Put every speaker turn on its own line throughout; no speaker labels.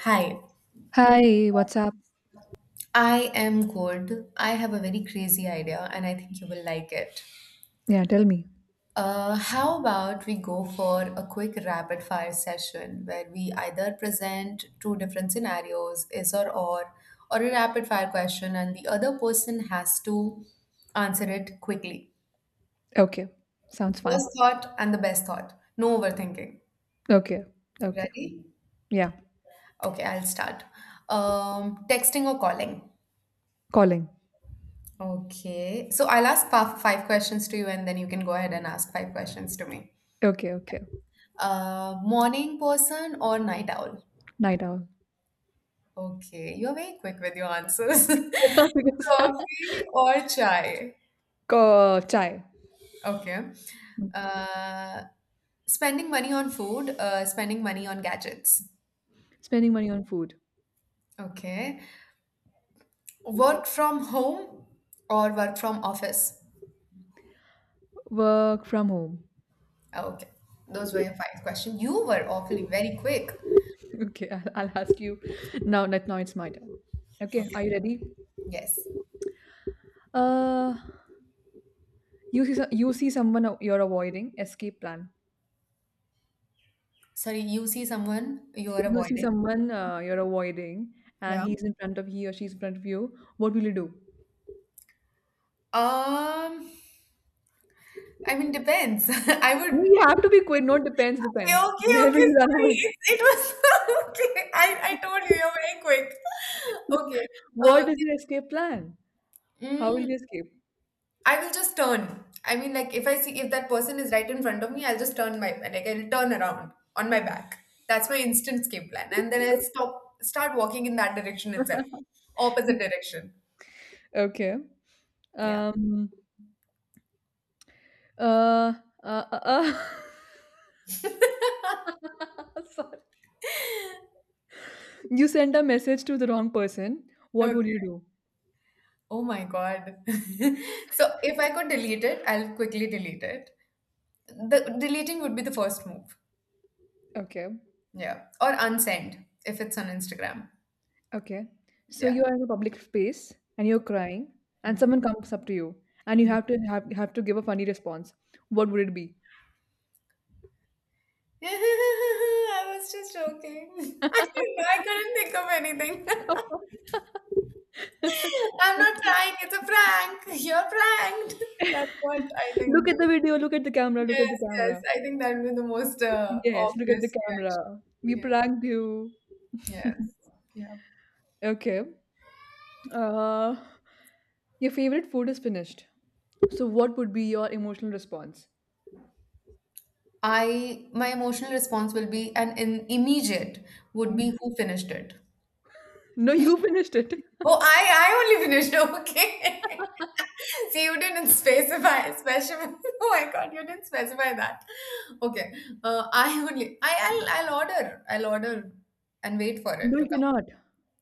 Hi,
Hi, what's up?
I am good. I have a very crazy idea and I think you will like it.
Yeah, tell me.
How about we go for a quick rapid fire session where we either present two different scenarios, or a rapid fire question, and the other person has to answer it quickly.
Okay, sounds fun.
First thought and the best thought. No overthinking.
Okay, okay.
Ready?
Yeah,
Okay, I'll start. Texting or calling?
calling.
Okay. So I'll ask five questions to you, and then you can go ahead and ask five questions to me.
Okay, okay.
Morning person or night owl?
Night owl.
Okay. You're very quick with your answers.
Because-
Coffee or chai?
Chai.
Okay. Uh, Spending money on food, spending money on gadgets.
Spending money on food.
Okay. Work from home or work from office?
Work from home.
Okay. Those were your five questions. You were awfully very quick.
Okay, I'll ask you now. That now it's my turn. Okay, are you ready?
Yes.
Uh, you see someone you're avoiding. Escape plan.
Sorry, you see someone you are
You see
avoiding?
someone you're avoiding, and
Yeah.
he's in front of he or she's in front of you. What will you do?
Um, I mean, depends. I
No,
would.
you have to be quick. No, depends,
Okay,
depends.
okay,
Where will
okay.
you run
Sorry,
away?
it was okay. I told you you're very quick. Okay. Uh,
What is your escape plan? How will you
mm,
escape?
I will just turn. I mean, like if I see if that person is right in front of me, I'll just turn my like I'll turn around on my back. That's my instant escape plan, and then I'll stop start walking in that direction itself, opposite direction.
Okay.
Yeah.
Um. Uh. Uh. uh, uh. Sorry. You sent a message to the wrong person. What
Okay.
would you do?
Oh my God. So if I could delete it, I'll quickly delete it. The deleting would be the first move.
Okay.
Yeah. Or unsend if it's on Instagram.
Okay. So
Yeah.
you are in a public space and you're crying, and
Hmm.
someone comes up to you, and you have to give a funny response. What would it be?
I was just joking. I couldn't think of anything. I'm not trying. It's a prank. You're pranked. That's what I think.
Look at the video. Look at the camera. Look at the
Yes, yes.
camera.
I think that would be the most
Yes, look at the
obvious reaction.
camera. We
Yeah.
pranked you.
Yes. Yeah.
Okay. Uh, your favorite food is finished. So, what would be your emotional response?
I My emotional response will be an immediate, would be
Immediate.
who finished it.
No, you finished it.
Oh, I only finished. Okay. See, you didn't specify. Specify. Oh my God, you didn't specify that. Okay. I only. I'll order. I'll order and wait for it
No,
to
you
come.
cannot.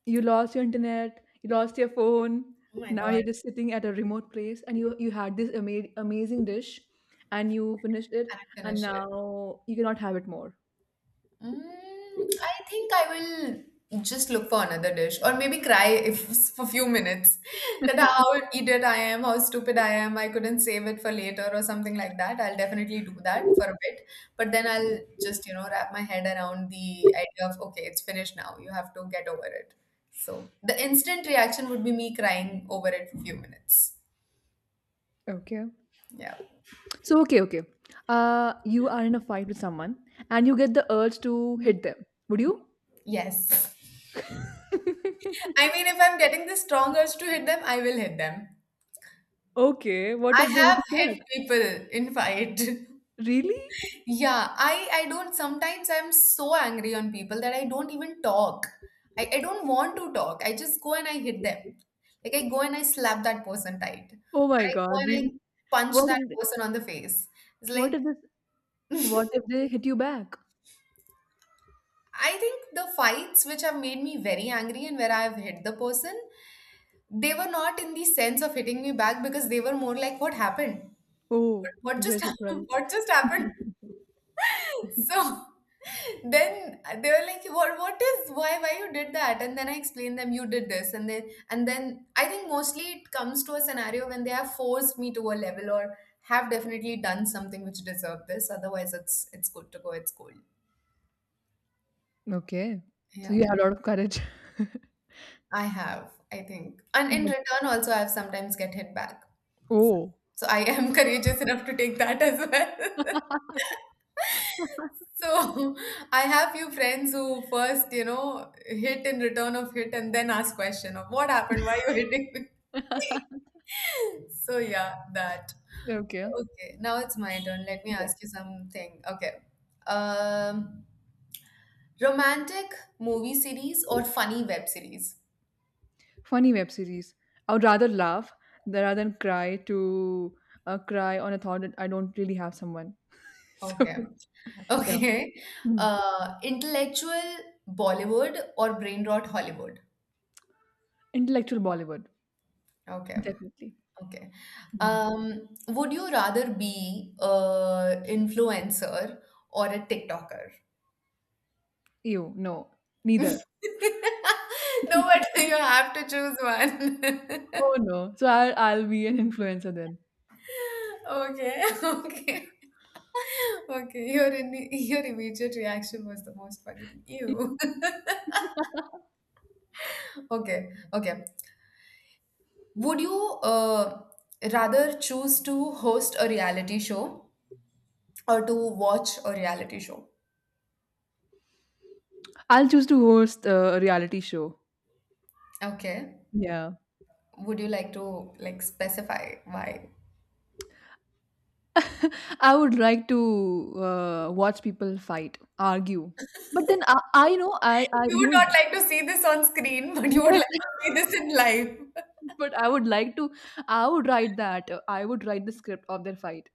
You lost your internet. You lost your phone.
Oh my
Now
God,
you're just sitting at a remote place, and you had this amazing dish, and you finished it,
and I
and
finish it.
now you cannot have it more.
Mm, I think I will just look for another dish, or maybe cry if for a few minutes that how idiot I am, how stupid I am, I couldn't save it for later or something like that. I'll definitely do that for a bit, but then I'll just, you know, wrap my head around the idea of okay, it's finished now. You have to get over it. So the instant reaction would be me crying over it for a few minutes.
Okay.
Yeah.
So okay, okay. You are in a fight with someone and you get the urge to hit them. Would you?
Yes. I mean, if I'm getting the strong urge to hit them, I will hit them.
Okay. What
I
if they
have
hit you
hit
back?
people in fight.
Really?
Yeah, I don't sometimes I'm so angry on people that I don't even talk. I don't want to talk. I just go and I hit them. Like I go and I slap that person tight. Or
Oh my
I go
God!
and I
Really?
punch
What
that
if? They,
person on the face. It's
what
like,
if this? What if they hit you back?
I think the fights which have made me very angry and where I have hit the person, they were not in the sense of hitting me back, because they were more like what happened?
Oh,
What
they're
just happened?
surprised.
What just happened? So then they were like, "What? What is? Why? Why you did that?" And then I explained them, "You did this," and then I think mostly it comes to a scenario when they have forced me to a level, or have definitely done something which deserved this. Otherwise, it's good to go. It's cold.
Okay. So
Yeah,
you have a lot of courage.
I have. I think, and in
Yeah.
return also, I've sometimes get hit back.
Oh.
So I am courageous enough to take that as well. So I have few friends who first, you know, hit in return of hit and then ask question of what happened, why you hitting me? So yeah, that.
Okay.
Okay, now it's my turn. Let me
Yes.
ask you something. Okay. Um, Romantic movie series or funny web series?
Funny web series. I would rather laugh rather than cry on a thought that I don't really have someone. So
Okay.
yeah.
Okay.
Mm.
Intellectual Bollywood or brain rot Hollywood?
Intellectual Bollywood
Okay.
definitely.
Okay.
Mm.
Would you rather be a influencer or a TikToker?
Ew, no, neither.
No, but you have to choose one.
Oh no, so I'll be an influencer then.
Okay, okay. Okay, your immediate reaction was the most funny thing. Ew. Okay, okay. Would you uh, rather choose to host a reality show or to watch a reality show?
I'll choose to host a reality show.
Okay.
Yeah,
Would you like to like specify why?
I would like to watch people fight, argue, but then I know I
You would not
you
like to see this on screen, but
know
you would
yes.
like to see this in life.
But I would like to I would write that. I would write the script of their fight.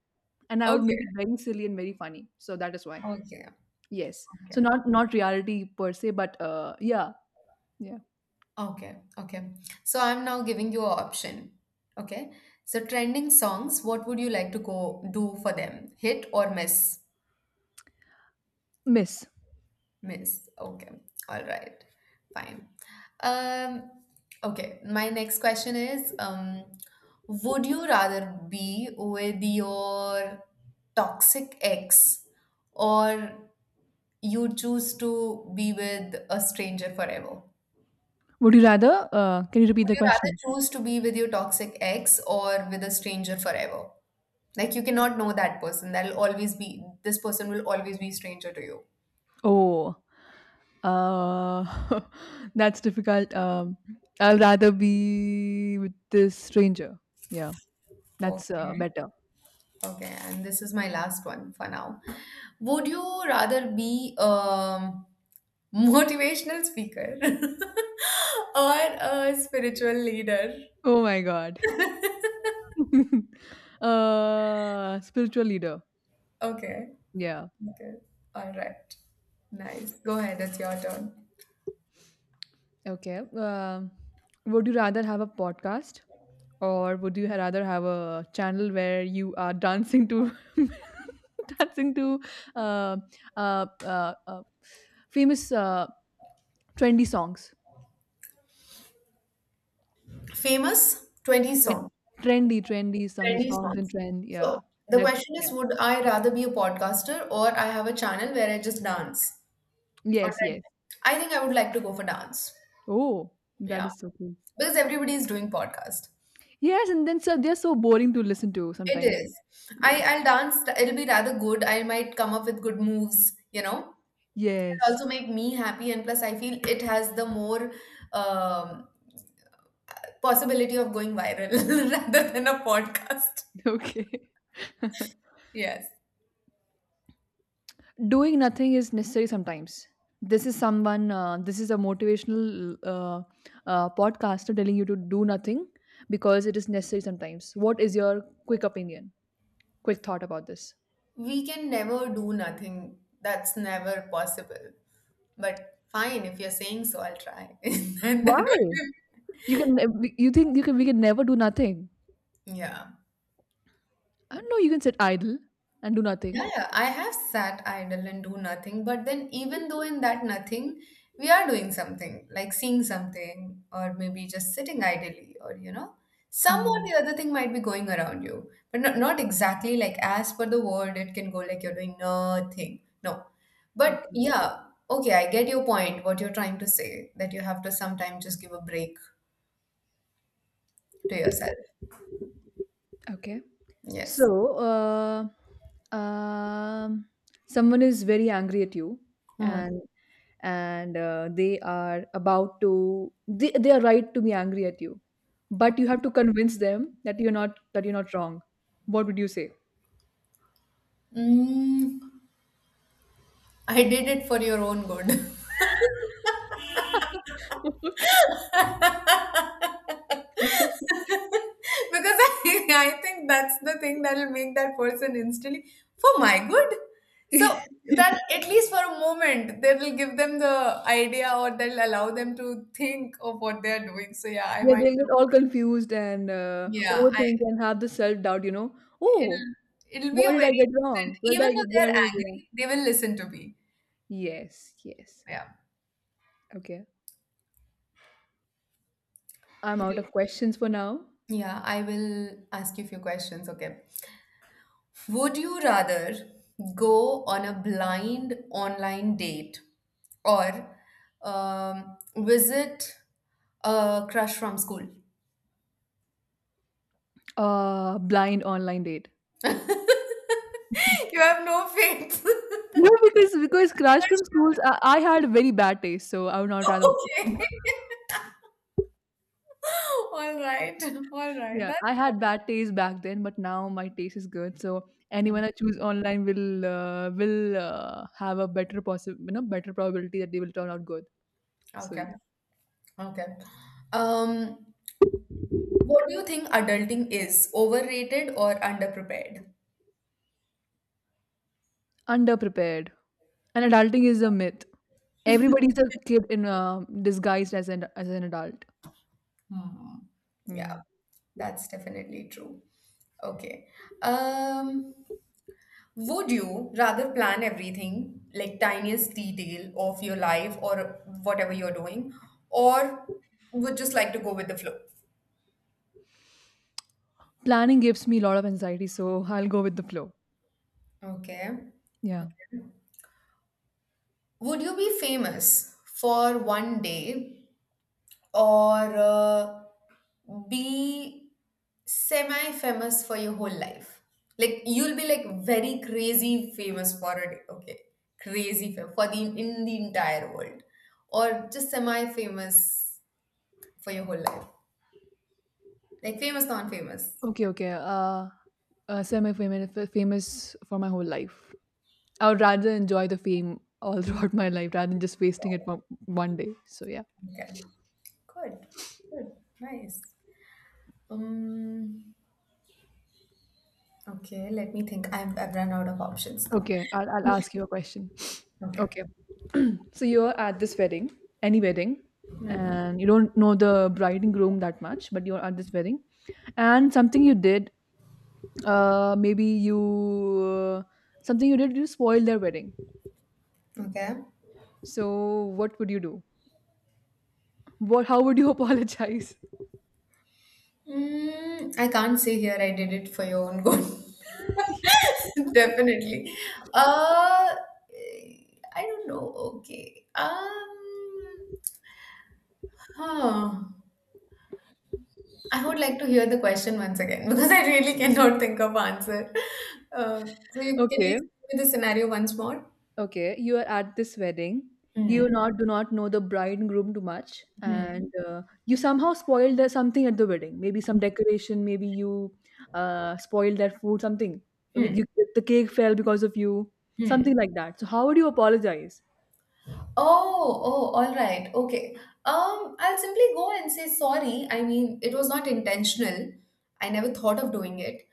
And I would make
Okay,
it very silly and very funny. So that is why.
okay,
Yes. So
okay,
not reality per se, but yeah. Yeah.
okay. So I'm now giving you an option. Okay. So, trending songs, what would you like to go do for them? Hit or miss?
Miss.
Miss. Okay. All right. Fine. Um, okay. My next question is, would you rather be with your toxic ex, or you choose to be with a stranger forever? Would
Would you rather? Can you repeat the
you rather
question?
choose to be with your toxic ex or with a stranger forever? Like you cannot know that person. That'll always be, this person will always be stranger to you.
Oh, uh, that's difficult. I'll rather be with this stranger. Yeah, that's
Okay.
better.
Okay, and this is my last one for now. Would you rather be a motivational speaker or a spiritual leader?
Oh my god. Spiritual leader.
Okay,
Yeah.
okay, all right, nice. Go ahead, it's your turn.
Okay. Would you rather have a podcast or would you rather have a channel where you are dancing to dancing to uh, uh, uh, uh, famous trendy songs?
Famous 20
Tre-
songs,
trendy song, the
20
songs in
songs.
trend. Yeah.
So the
Like,
question
yeah.
is, would I rather be a podcaster, or I have a channel where I just dance on
Yes,
10?
yes.
I think I would like to go for dance.
Oh, that
Yeah,
is so cool.
because everybody is doing podcast.
Yes, and then so they're so boring to listen to
It
sometimes.
is.
Yes.
I'll dance. It'll be rather good. I might come up with good moves, you know. It'll
Yes.
also make me happy, and plus, I feel it has the more um, possibility of going viral rather than a podcast.
Okay.
Yes,
Doing nothing is necessary sometimes. This is a motivational podcaster telling you to do nothing because it is necessary sometimes. What is your quick thought about this?
we can never do nothing. That's never possible. But fine, if you're saying so, I'll try. And that would
Why?
be-
You can you think you can We can never do nothing.
yeah.
I don't know, you can sit idle and do nothing.
Yeah, yeah, I have sat idle and do nothing, but then even though in that nothing, we are doing something, like seeing something, or maybe just sitting idly, some or
Hmm.
the other thing might be going around you, but not exactly like as per the word, it can go like you're doing nothing. No. But
Okay,
yeah, okay, I get your point, what you're trying to say, that you have to sometimes just give a break to yourself.
okay. So,
Yes.
uh, um, someone is very angry at you,
Hmm.
and they are right to be angry at you, but you have to convince them that you're not wrong. What would you say?
Mm, I did it for your own good.
Okay.
Because I think that's the thing that will make that person instantly for my good. So that at least for a moment they will give them the idea, or they'll allow them to think of what they are doing. So yeah, I
Yeah,
might
they'll get all confused and
yeah, I
overthink and have the self doubt. Oh,
it'll be
what
a
did I
very
get
instant,
wrong? Where did
even
I get?
though they
What
are
did I get
angry,
wrong?
they will listen to me.
Yes, yes.
Yeah.
Okay. I'm out
Okay.
of questions for now.
Yeah, I will ask you a few questions, okay? Would you rather go on a blind online date, or visit a crush from school?
Blind online date.
You have no faith.
No, because crush from schools, I had very bad taste, so I would not rather.
Okay. All right. All right.
Yeah,
That's
I had bad taste back then, but now my taste is good. So anyone I choose online will have a better possible, you know, better probability that they will turn out good.
Mm,
So
okay.
yeah,
Okay. Um, what do you think adulting is? Overrated or underprepared?
underprepared. And adulting is a myth. Everybody's a kid in disguised as an adult.
Hmm. Yeah,
Hmm.
that's definitely true. Okay. Um, would you rather plan everything, like tiniest detail of your life or whatever you're doing, or would just like to go with the flow?
Planning gives me a lot of anxiety, so I'll go with the flow.
Okay.
Yeah.
Would you be famous for one day, or be semi famous for your whole life? Like, you'll be like very crazy famous for a day, okay, crazy for the in the entire world, or just semi famous for your whole life, like famous non famous,
Okay, okay. Semi-famous famous for my whole life. I would rather enjoy the fame all throughout my life rather than just wasting it one day. So yeah.
okay, good, good, nice. um okay, let me think. I've run out of options now.
Okay, I'll ask you a question.
Okay.
Okay. So you're at this wedding, any wedding,
Hmm.
and you don't know the bride and groom that much, but you're at this wedding, and something you did, maybe you uh, something you did, you spoiled their wedding.
Okay.
So what would you do? What? How would you apologize?
Mm, I can't say here, I did it for your own good. Definitely. Uh, I don't know. Okay. Huh. I would like to hear the question once again, because I really cannot think of answer. So you, can you
Okay,
explain the scenario once more?
okay. You are at this wedding. You
Hmm.
not do not know the bride and groom too much,
Hmm.
and you somehow spoiled something at the wedding. Maybe some decoration. Maybe you spoiled their food. Something with you,
Hmm.
the cake fell because of you.
Hmm.
Something like that. So how would you apologize?
Oh, oh, all right. Okay. I'll simply go and say sorry. I mean, it was not intentional. I never thought of doing it.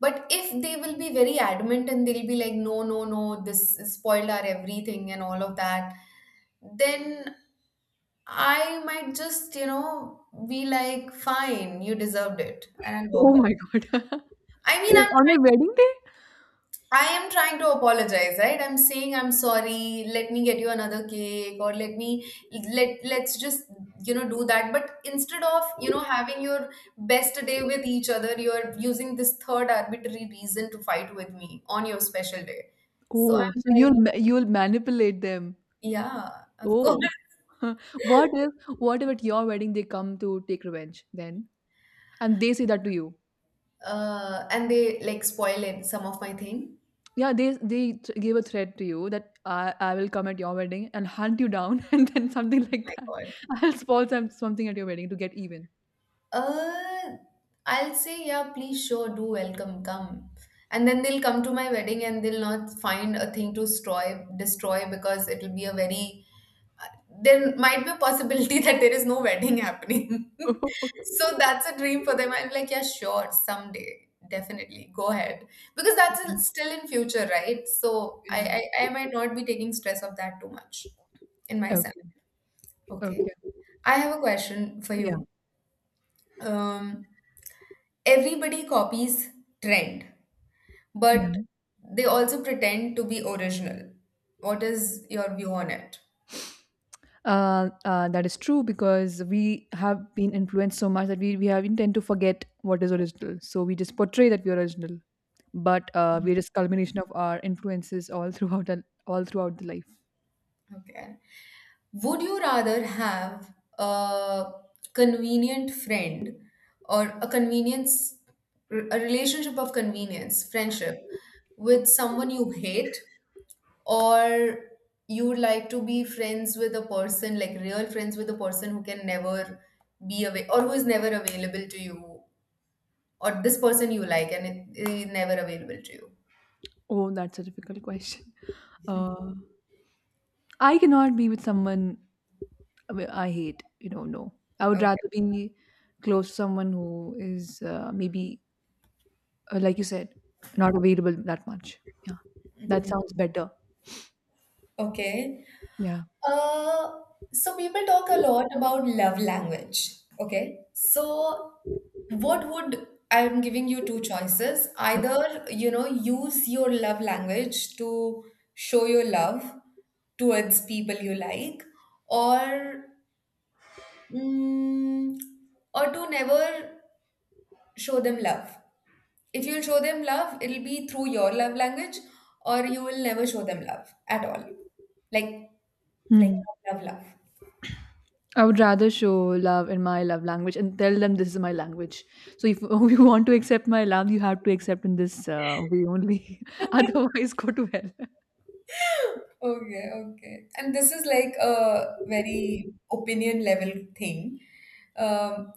But if they will be very adamant and they'll be like, no, no, no, this spoiled our everything and all of that, then I might just, you know, be like, fine, you deserved it. And I'll
Oh
walk off.
my God!
I mean,
They're on their wedding day.
I am trying to apologize, right? I'm saying I'm sorry. Let me get you another cake, or let me let's just do that. But instead of having your best day with each other, you're using this third arbitrary reason to fight with me on your special day. So
Oh,
I'm
so
like,
you'll you'll manipulate them.
yeah, of course.
Oh, what if what if at your wedding they come to take revenge then, and they say that to you?
And they like spoil it, some of my thing.
Yeah, they gave a threat to you that I will come at your wedding and hunt you down and then something
Oh
like
my
that.
God.
I'll spoil something at your wedding to get even.
Uh, I'll say, yeah, please, sure, do welcome, come. And then they'll come to my wedding and they'll not find a thing to destroy, because it'll be a very, uh, there might be a possibility that there is no wedding happening. So that's a dream for them. I'm like, yeah, sure, someday, definitely, go ahead. Because that's still in future, right? So
Yeah.
I might not be taking stress of that too much in myself.
Okay.
Okay.
Okay.
I have a question for
Yeah.
you. Um, everybody copies trend, but
Yeah.
they also pretend to be original. What is your view on it?
That is true because we have been influenced so much that we tend to forget what is original. So we just portray that we're original, but we're just culmination of our influences all throughout all throughout the life.
Okay. Would you rather have a convenient friend or a convenience, a relationship of convenience, friendship with someone you hate, or you would like to be friends with a person, like real friends with a person who can never be away or who is never available to you, or this person you like and it is never available to you?
Oh, that's a difficult question. Uh, I cannot be with someone I mean, I hate, no. I would
Okay.
rather be close to someone who is maybe, like you said, not available that much. Yeah, that sounds better.
Okay.
Yeah.
Uh, so people talk a lot about love language. Okay. So what would I'm giving you two choices.
Yep.
Either, you know, use your love language to show your love towards people you like, or mm, or to never show them love. If you'll show them love, it'll be through your love language, or you will never show them love at all. Like, like,
Mhm.
love, love.
I would rather show love in my love language and tell them this is my language. So if you want to accept my love, you have to accept in this way only. Otherwise, go to hell.
Okay, okay. And this is like a very opinion level thing. Um,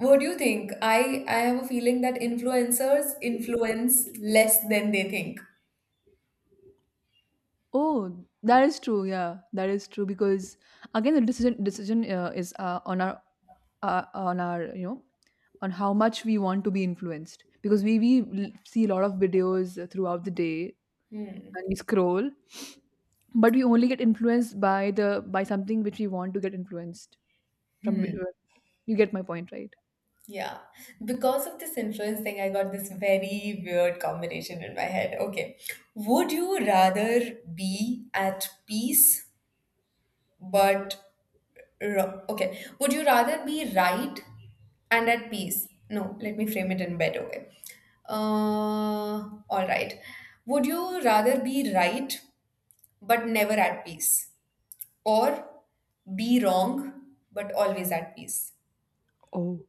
what do you think? I have a feeling that influencers influence less than they think.
Oh, that is true. Yeah, that is true because again, the decision is on our you know on how much we want to be influenced because we see a lot of videos throughout the day
Hmm.
and we scroll, but we only get influenced by the by something which we want to get influenced from.
Hmm.
You get my point, right?
Yeah, because of this influence thing, I got this very weird combination in my head. Okay, would you rather be at peace but would you rather be right and at peace? No, let me frame it in a better way. Uh, all right, would you rather be right but never at peace, or be wrong but always at peace?
Oh,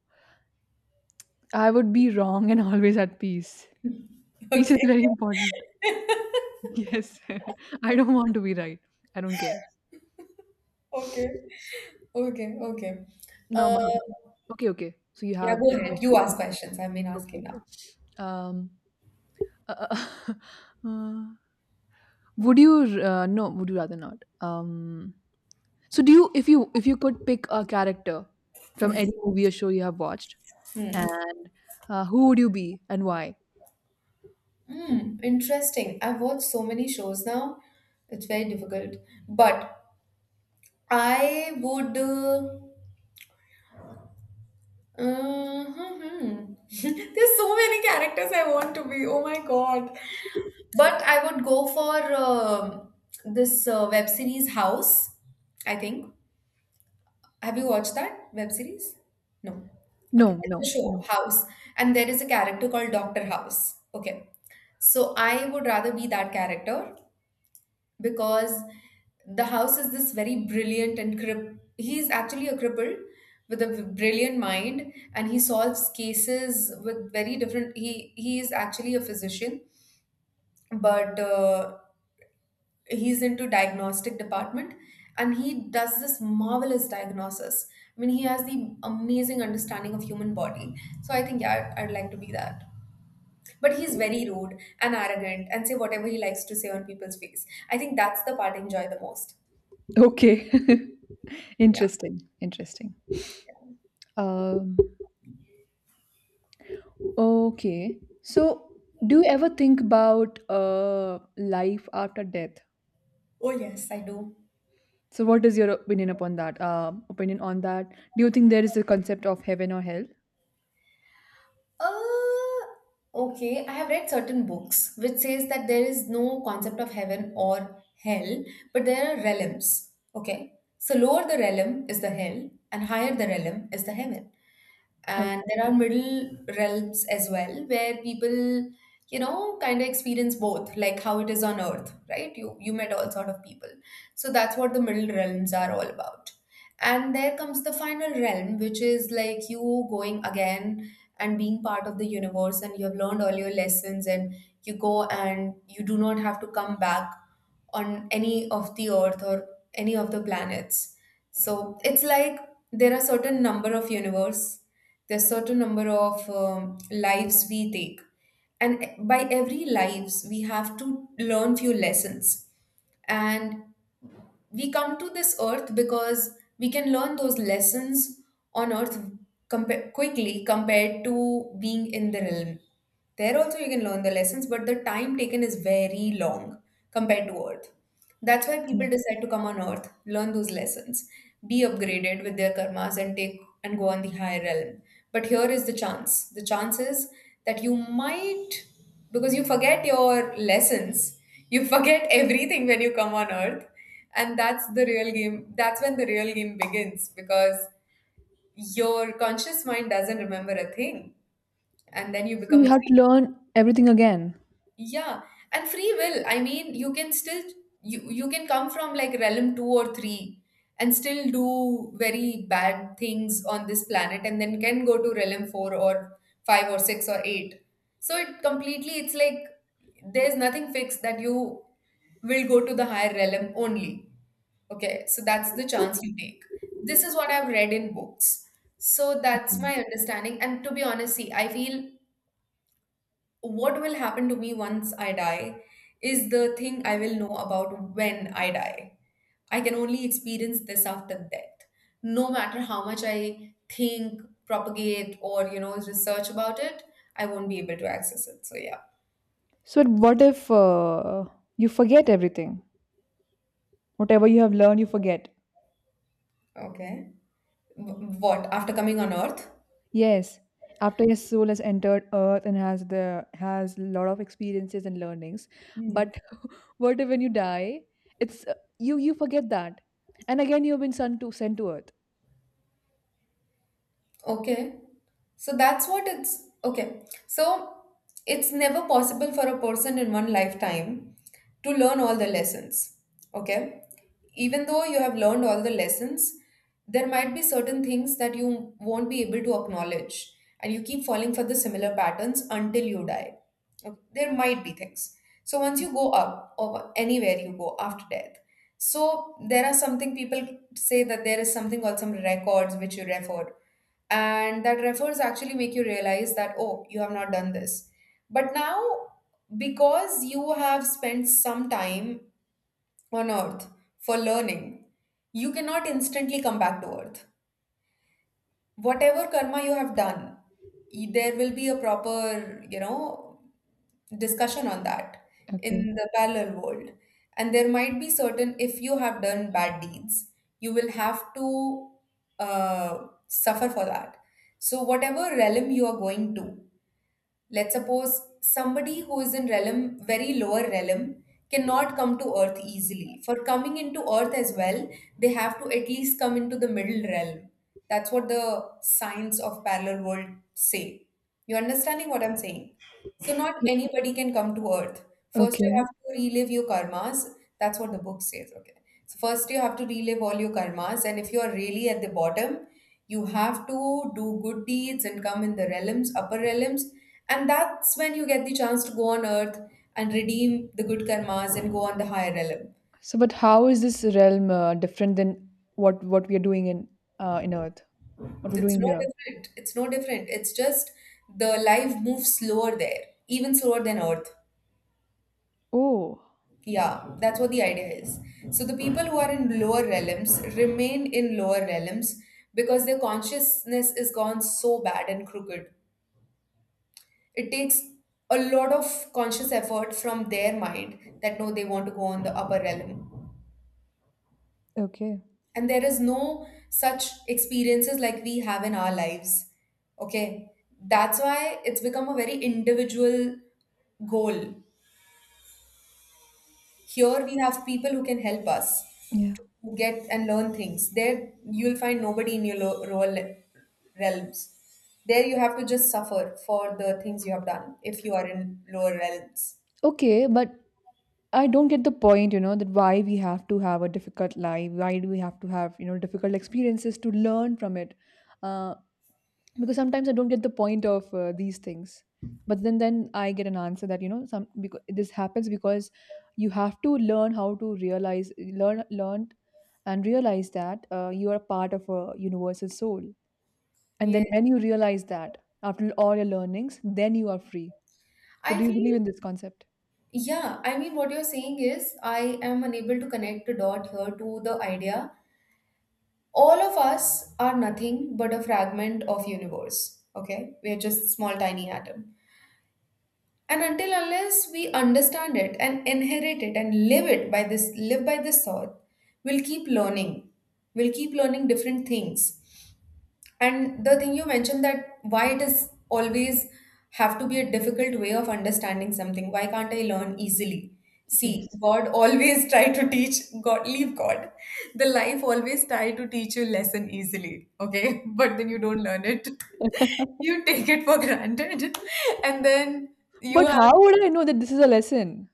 I would be wrong and always at peace. Peace is
Okay.
very important. Yes, I don't want to be right. I don't care.
Okay. Okay. Okay.
Now my
Uh,
Okay, okay. So you
yeah,
have
go
the
ahead. You
question.
ask questions. I've been
Okay,
asking
okay.
now.
Um, uh, uh, uh, would you? No, would you rather not? So do you? If you could pick a character from any movie or show you have watched,
Hmm.
and who would you be and why?
Hmm. Interesting. I've watched so many shows now. It's very difficult. But I would. Hmm, hmm. There's so many characters I want to be. Oh my God. But I would go for this web series House, I think. Have you watched that web series? No. Okay,
No, no,
it's a show,
no.
House, and there is a character called Dr. House. Okay. So I would rather be that character because the house is this very brilliant and crip he's actually a cripple with a brilliant mind, and he solves cases with very different. He is actually a physician, but he's into diagnostic department, and he does this marvelous diagnosis. I mean, he has the amazing understanding of human body. So I think, yeah, I'd like to be that. But he's very rude and arrogant and say whatever he likes to say on people's face. I think that's the part I enjoy the most.
Okay,
Yeah.
interesting, interesting. Um, okay. So, do you ever think about life after death?
Oh yes, I do.
So, what is your opinion upon that? Opinion on that? Do you think there is a concept of heaven or hell?
Uh, okay, I have read certain books which says that there is no concept of heaven or hell, but there are realms. Okay, so lower the realm is the hell, and higher the realm is the heaven. And
Okay.
there are middle realms as well where people, kind of experience both, like how it is on earth, right? You met all sort of people. So that's what the middle realms are all about. And there comes the final realm, which is like you going again and being part of the universe, and you have learned all your lessons, and you go and you do not have to come back on any of the earth or any of the planets. So it's like there are certain number of universe, there's certain number of lives we take, and by every lives we have to learn few lessons. And we come to this earth because we can learn those lessons on earth quickly compared to being in the realm. There also you can learn the lessons, but the time taken is very long compared to earth. That's why
Yeah.
people decide to come on earth, learn those lessons, be upgraded with their karmas and take and go on the higher realm. But here is the chance. The chance is that you might, because you forget your lessons, you forget everything when you come on earth, and that's the real game. That's when the real game begins because your conscious mind doesn't remember a thing, and then you
So
become
you
a
have to learn everything again.
yeah, and free will. I mean, you can still. You can come from like realm 2 or 3 and still do very bad things on this planet, and then can go to realm 4 or 5 or 6 or 8. So it completely it's like there's nothing fixed that you will go to the higher realm only. Okay, so that's the chance you take. This is what I've read in books. So that's my
Okay.
understanding. And to be honest, see, I feel what will happen to me once I die is the thing I will know about when I die. I can only experience this after death. No matter how much I think, propagate, or research about it, I won't be able to access it. So yeah,
So what if you forget everything? Whatever you have learned, you forget.
okay. What after coming on Earth?
Yes, after his soul has entered Earth and has a lot of experiences and learnings, but what if when you die, it's you forget that, and again you've been sent to Earth.
Okay. So that's what it's, okay. So it's never possible for a person in one lifetime to learn all the lessons. Okay. Even though you have learned all the lessons, there might be certain things that you won't be able to acknowledge, and you keep falling for the similar patterns until you die. Okay. There might be things. So once you go up or anywhere you go after death, so there are something people say that there is something called some records which you refer, and that refers actually make you realize that oh you have not done this. But now because you have spent some time on earth for learning, you cannot instantly come back to earth. Whatever karma you have done, there will be a proper, discussion on that in
Okay.
the parallel world. And there might be certain, if you have done bad deeds, you will have to suffer for that. So, whatever realm you are going to, let's suppose somebody who is in realm, very lower realm, cannot come to earth easily. For coming into earth as well, they have to at least come into the middle realm. That's what the science of parallel world say. You understanding what I'm saying? So not
Y-
anybody can come to Earth. First, you
Okay.
have to relive your karmas. That's what the book says. Okay. So first, you have to relive all your karmas, and if you are really at the bottom, you have to do good deeds and come in the realms, upper realms, and that's when you get the chance to go on Earth and redeem the good karmas and go on the higher realm.
So, but how is this realm different than what we are doing in Earth? What we're
It's
doing
no
here?
different. It's no different. It's just the life moves slower there, even slower than Earth.
Oh,
Yeah, that's what the idea is. So the people who are in lower realms remain in lower realms because their consciousness is gone so bad and crooked. It takes a lot of conscious effort from their mind that no, they want to go on the upper realm.
okay.
And there is no such experiences like we have in our lives. Okay. That's why it's become a very individual goal. Here we have people who can help us
Yeah.
to get and learn things. There you'll find nobody in your rural realms. There you have to just suffer for the things you have done if you are in lower realms.
Okay, but I don't get the point, that why we have to have a difficult life, why do we have to have, difficult experiences to learn from it? Uh, because sometimes I don't get the point of these things. But then I get an answer that you know some because this happens because you have to learn how to realize, learn, and realize that you are part of a universal soul. And
Yeah.
then when you realize that after all your learnings, then you are free. So
I
do you believe
feel,
in this concept?
yeah, I mean, what you're saying is, I am unable to connect the dot here to the idea. All of us are nothing but a fragment of universe. Okay? We're just small, tiny atom. And until unless we understand it and inherit it and live by this thought, we'll keep learning. We'll keep learning different things. And the thing you mentioned that why it is always have to be a difficult way of understanding something. Why can't I learn easily? See,
Yes.
God always try to teach God, leave God. The life always try to teach you lesson easily. Okay. But then you don't learn it. You take it for granted and then you
But
have.
how would I know that this is a lesson?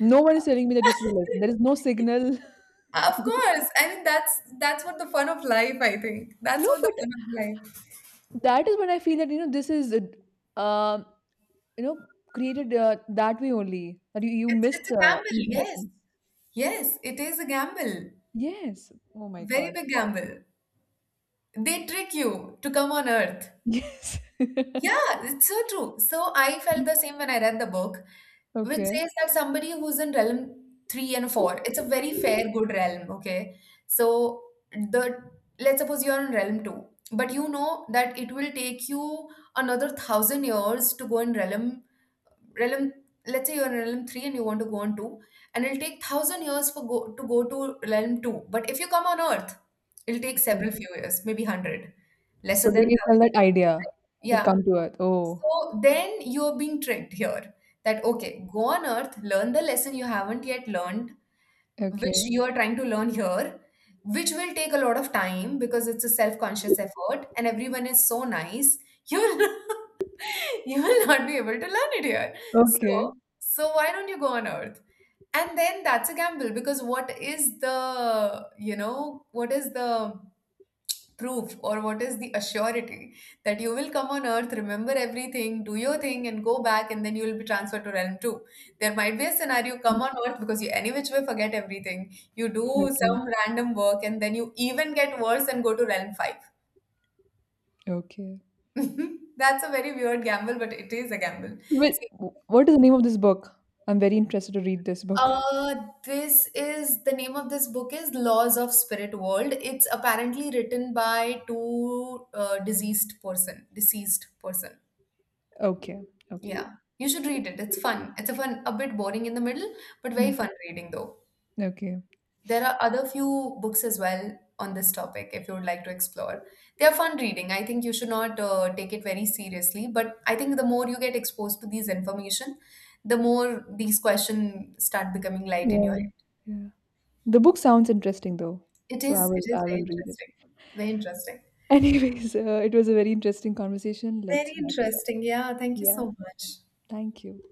No one is telling me that this is a lesson. There is no signal.
Of course. I mean that's what the fun of life, I think. That's
No,
what the
but
fun of life.
that is when I feel that, this is, created that way only, that you
It's
miss
it's a gamble,
easy
yes.
lessons.
Yes, it is a gamble.
Yes. Oh my
Very
God.
big gamble. They trick you to come on earth.
Yes.
Yeah, it's so true. So I felt the same when I read the book, which
Okay.
says that somebody who's in realm 3 and 4, it's a very fair, good realm, okay? So the let's suppose you're in realm 2, but you know that it will take you another 1,000 years to go in realm. realm let's say you're in realm 3 and you want to go on 2, and it'll take 1,000 years for go to realm 2. But if you come on earth, it'll take
Okay.
several few years, maybe 100
So
lesser than
they sell
1,000.
that idea that
Yeah.
come to earth. Oh,
So then you're being tricked here that okay go on earth learn the lesson you haven't yet learned, which
okay.
you are trying to learn here, which will take a lot of time because it's a self-conscious effort and everyone is so nice, you will you will not be able to learn it here.
Okay.
So, so, why don't you go on Earth? And then that's a gamble because what is the proof, or what is the assurity that you will come on earth, remember everything, do your thing and go back, and then you will be transferred to realm 2. There might be a scenario: come on earth because you any which way forget everything, you do
Okay.
some random work and then you even get worse and go to realm 5.
Okay.
That's a very weird gamble, but it is a gamble.
Wait,
See,
what is the name of this book? I'm very interested to read this book.
uh this is the name of this book is Laws of Spirit World. It's apparently written by two deceased person.
Okay, okay.
Yeah, you should read it. It's fun. It's a fun, a bit boring in the middle, but very
Mm.
fun reading though.
Okay.
There are other few books as well on this topic if you would like to explore. They are fun reading. I think you should not take it very seriously, but I think the more you get exposed to these information, the more these questions start becoming light in your
Yeah,
head.
yeah. The book sounds interesting though,
It
so I
is,
will
it
I
is very
will read it.
interesting. Very interesting.
Anyways, it was a very interesting conversation. Let's
Very
wrap it up.
interesting. Yeah, thank you
Yeah,
so much.
thank you.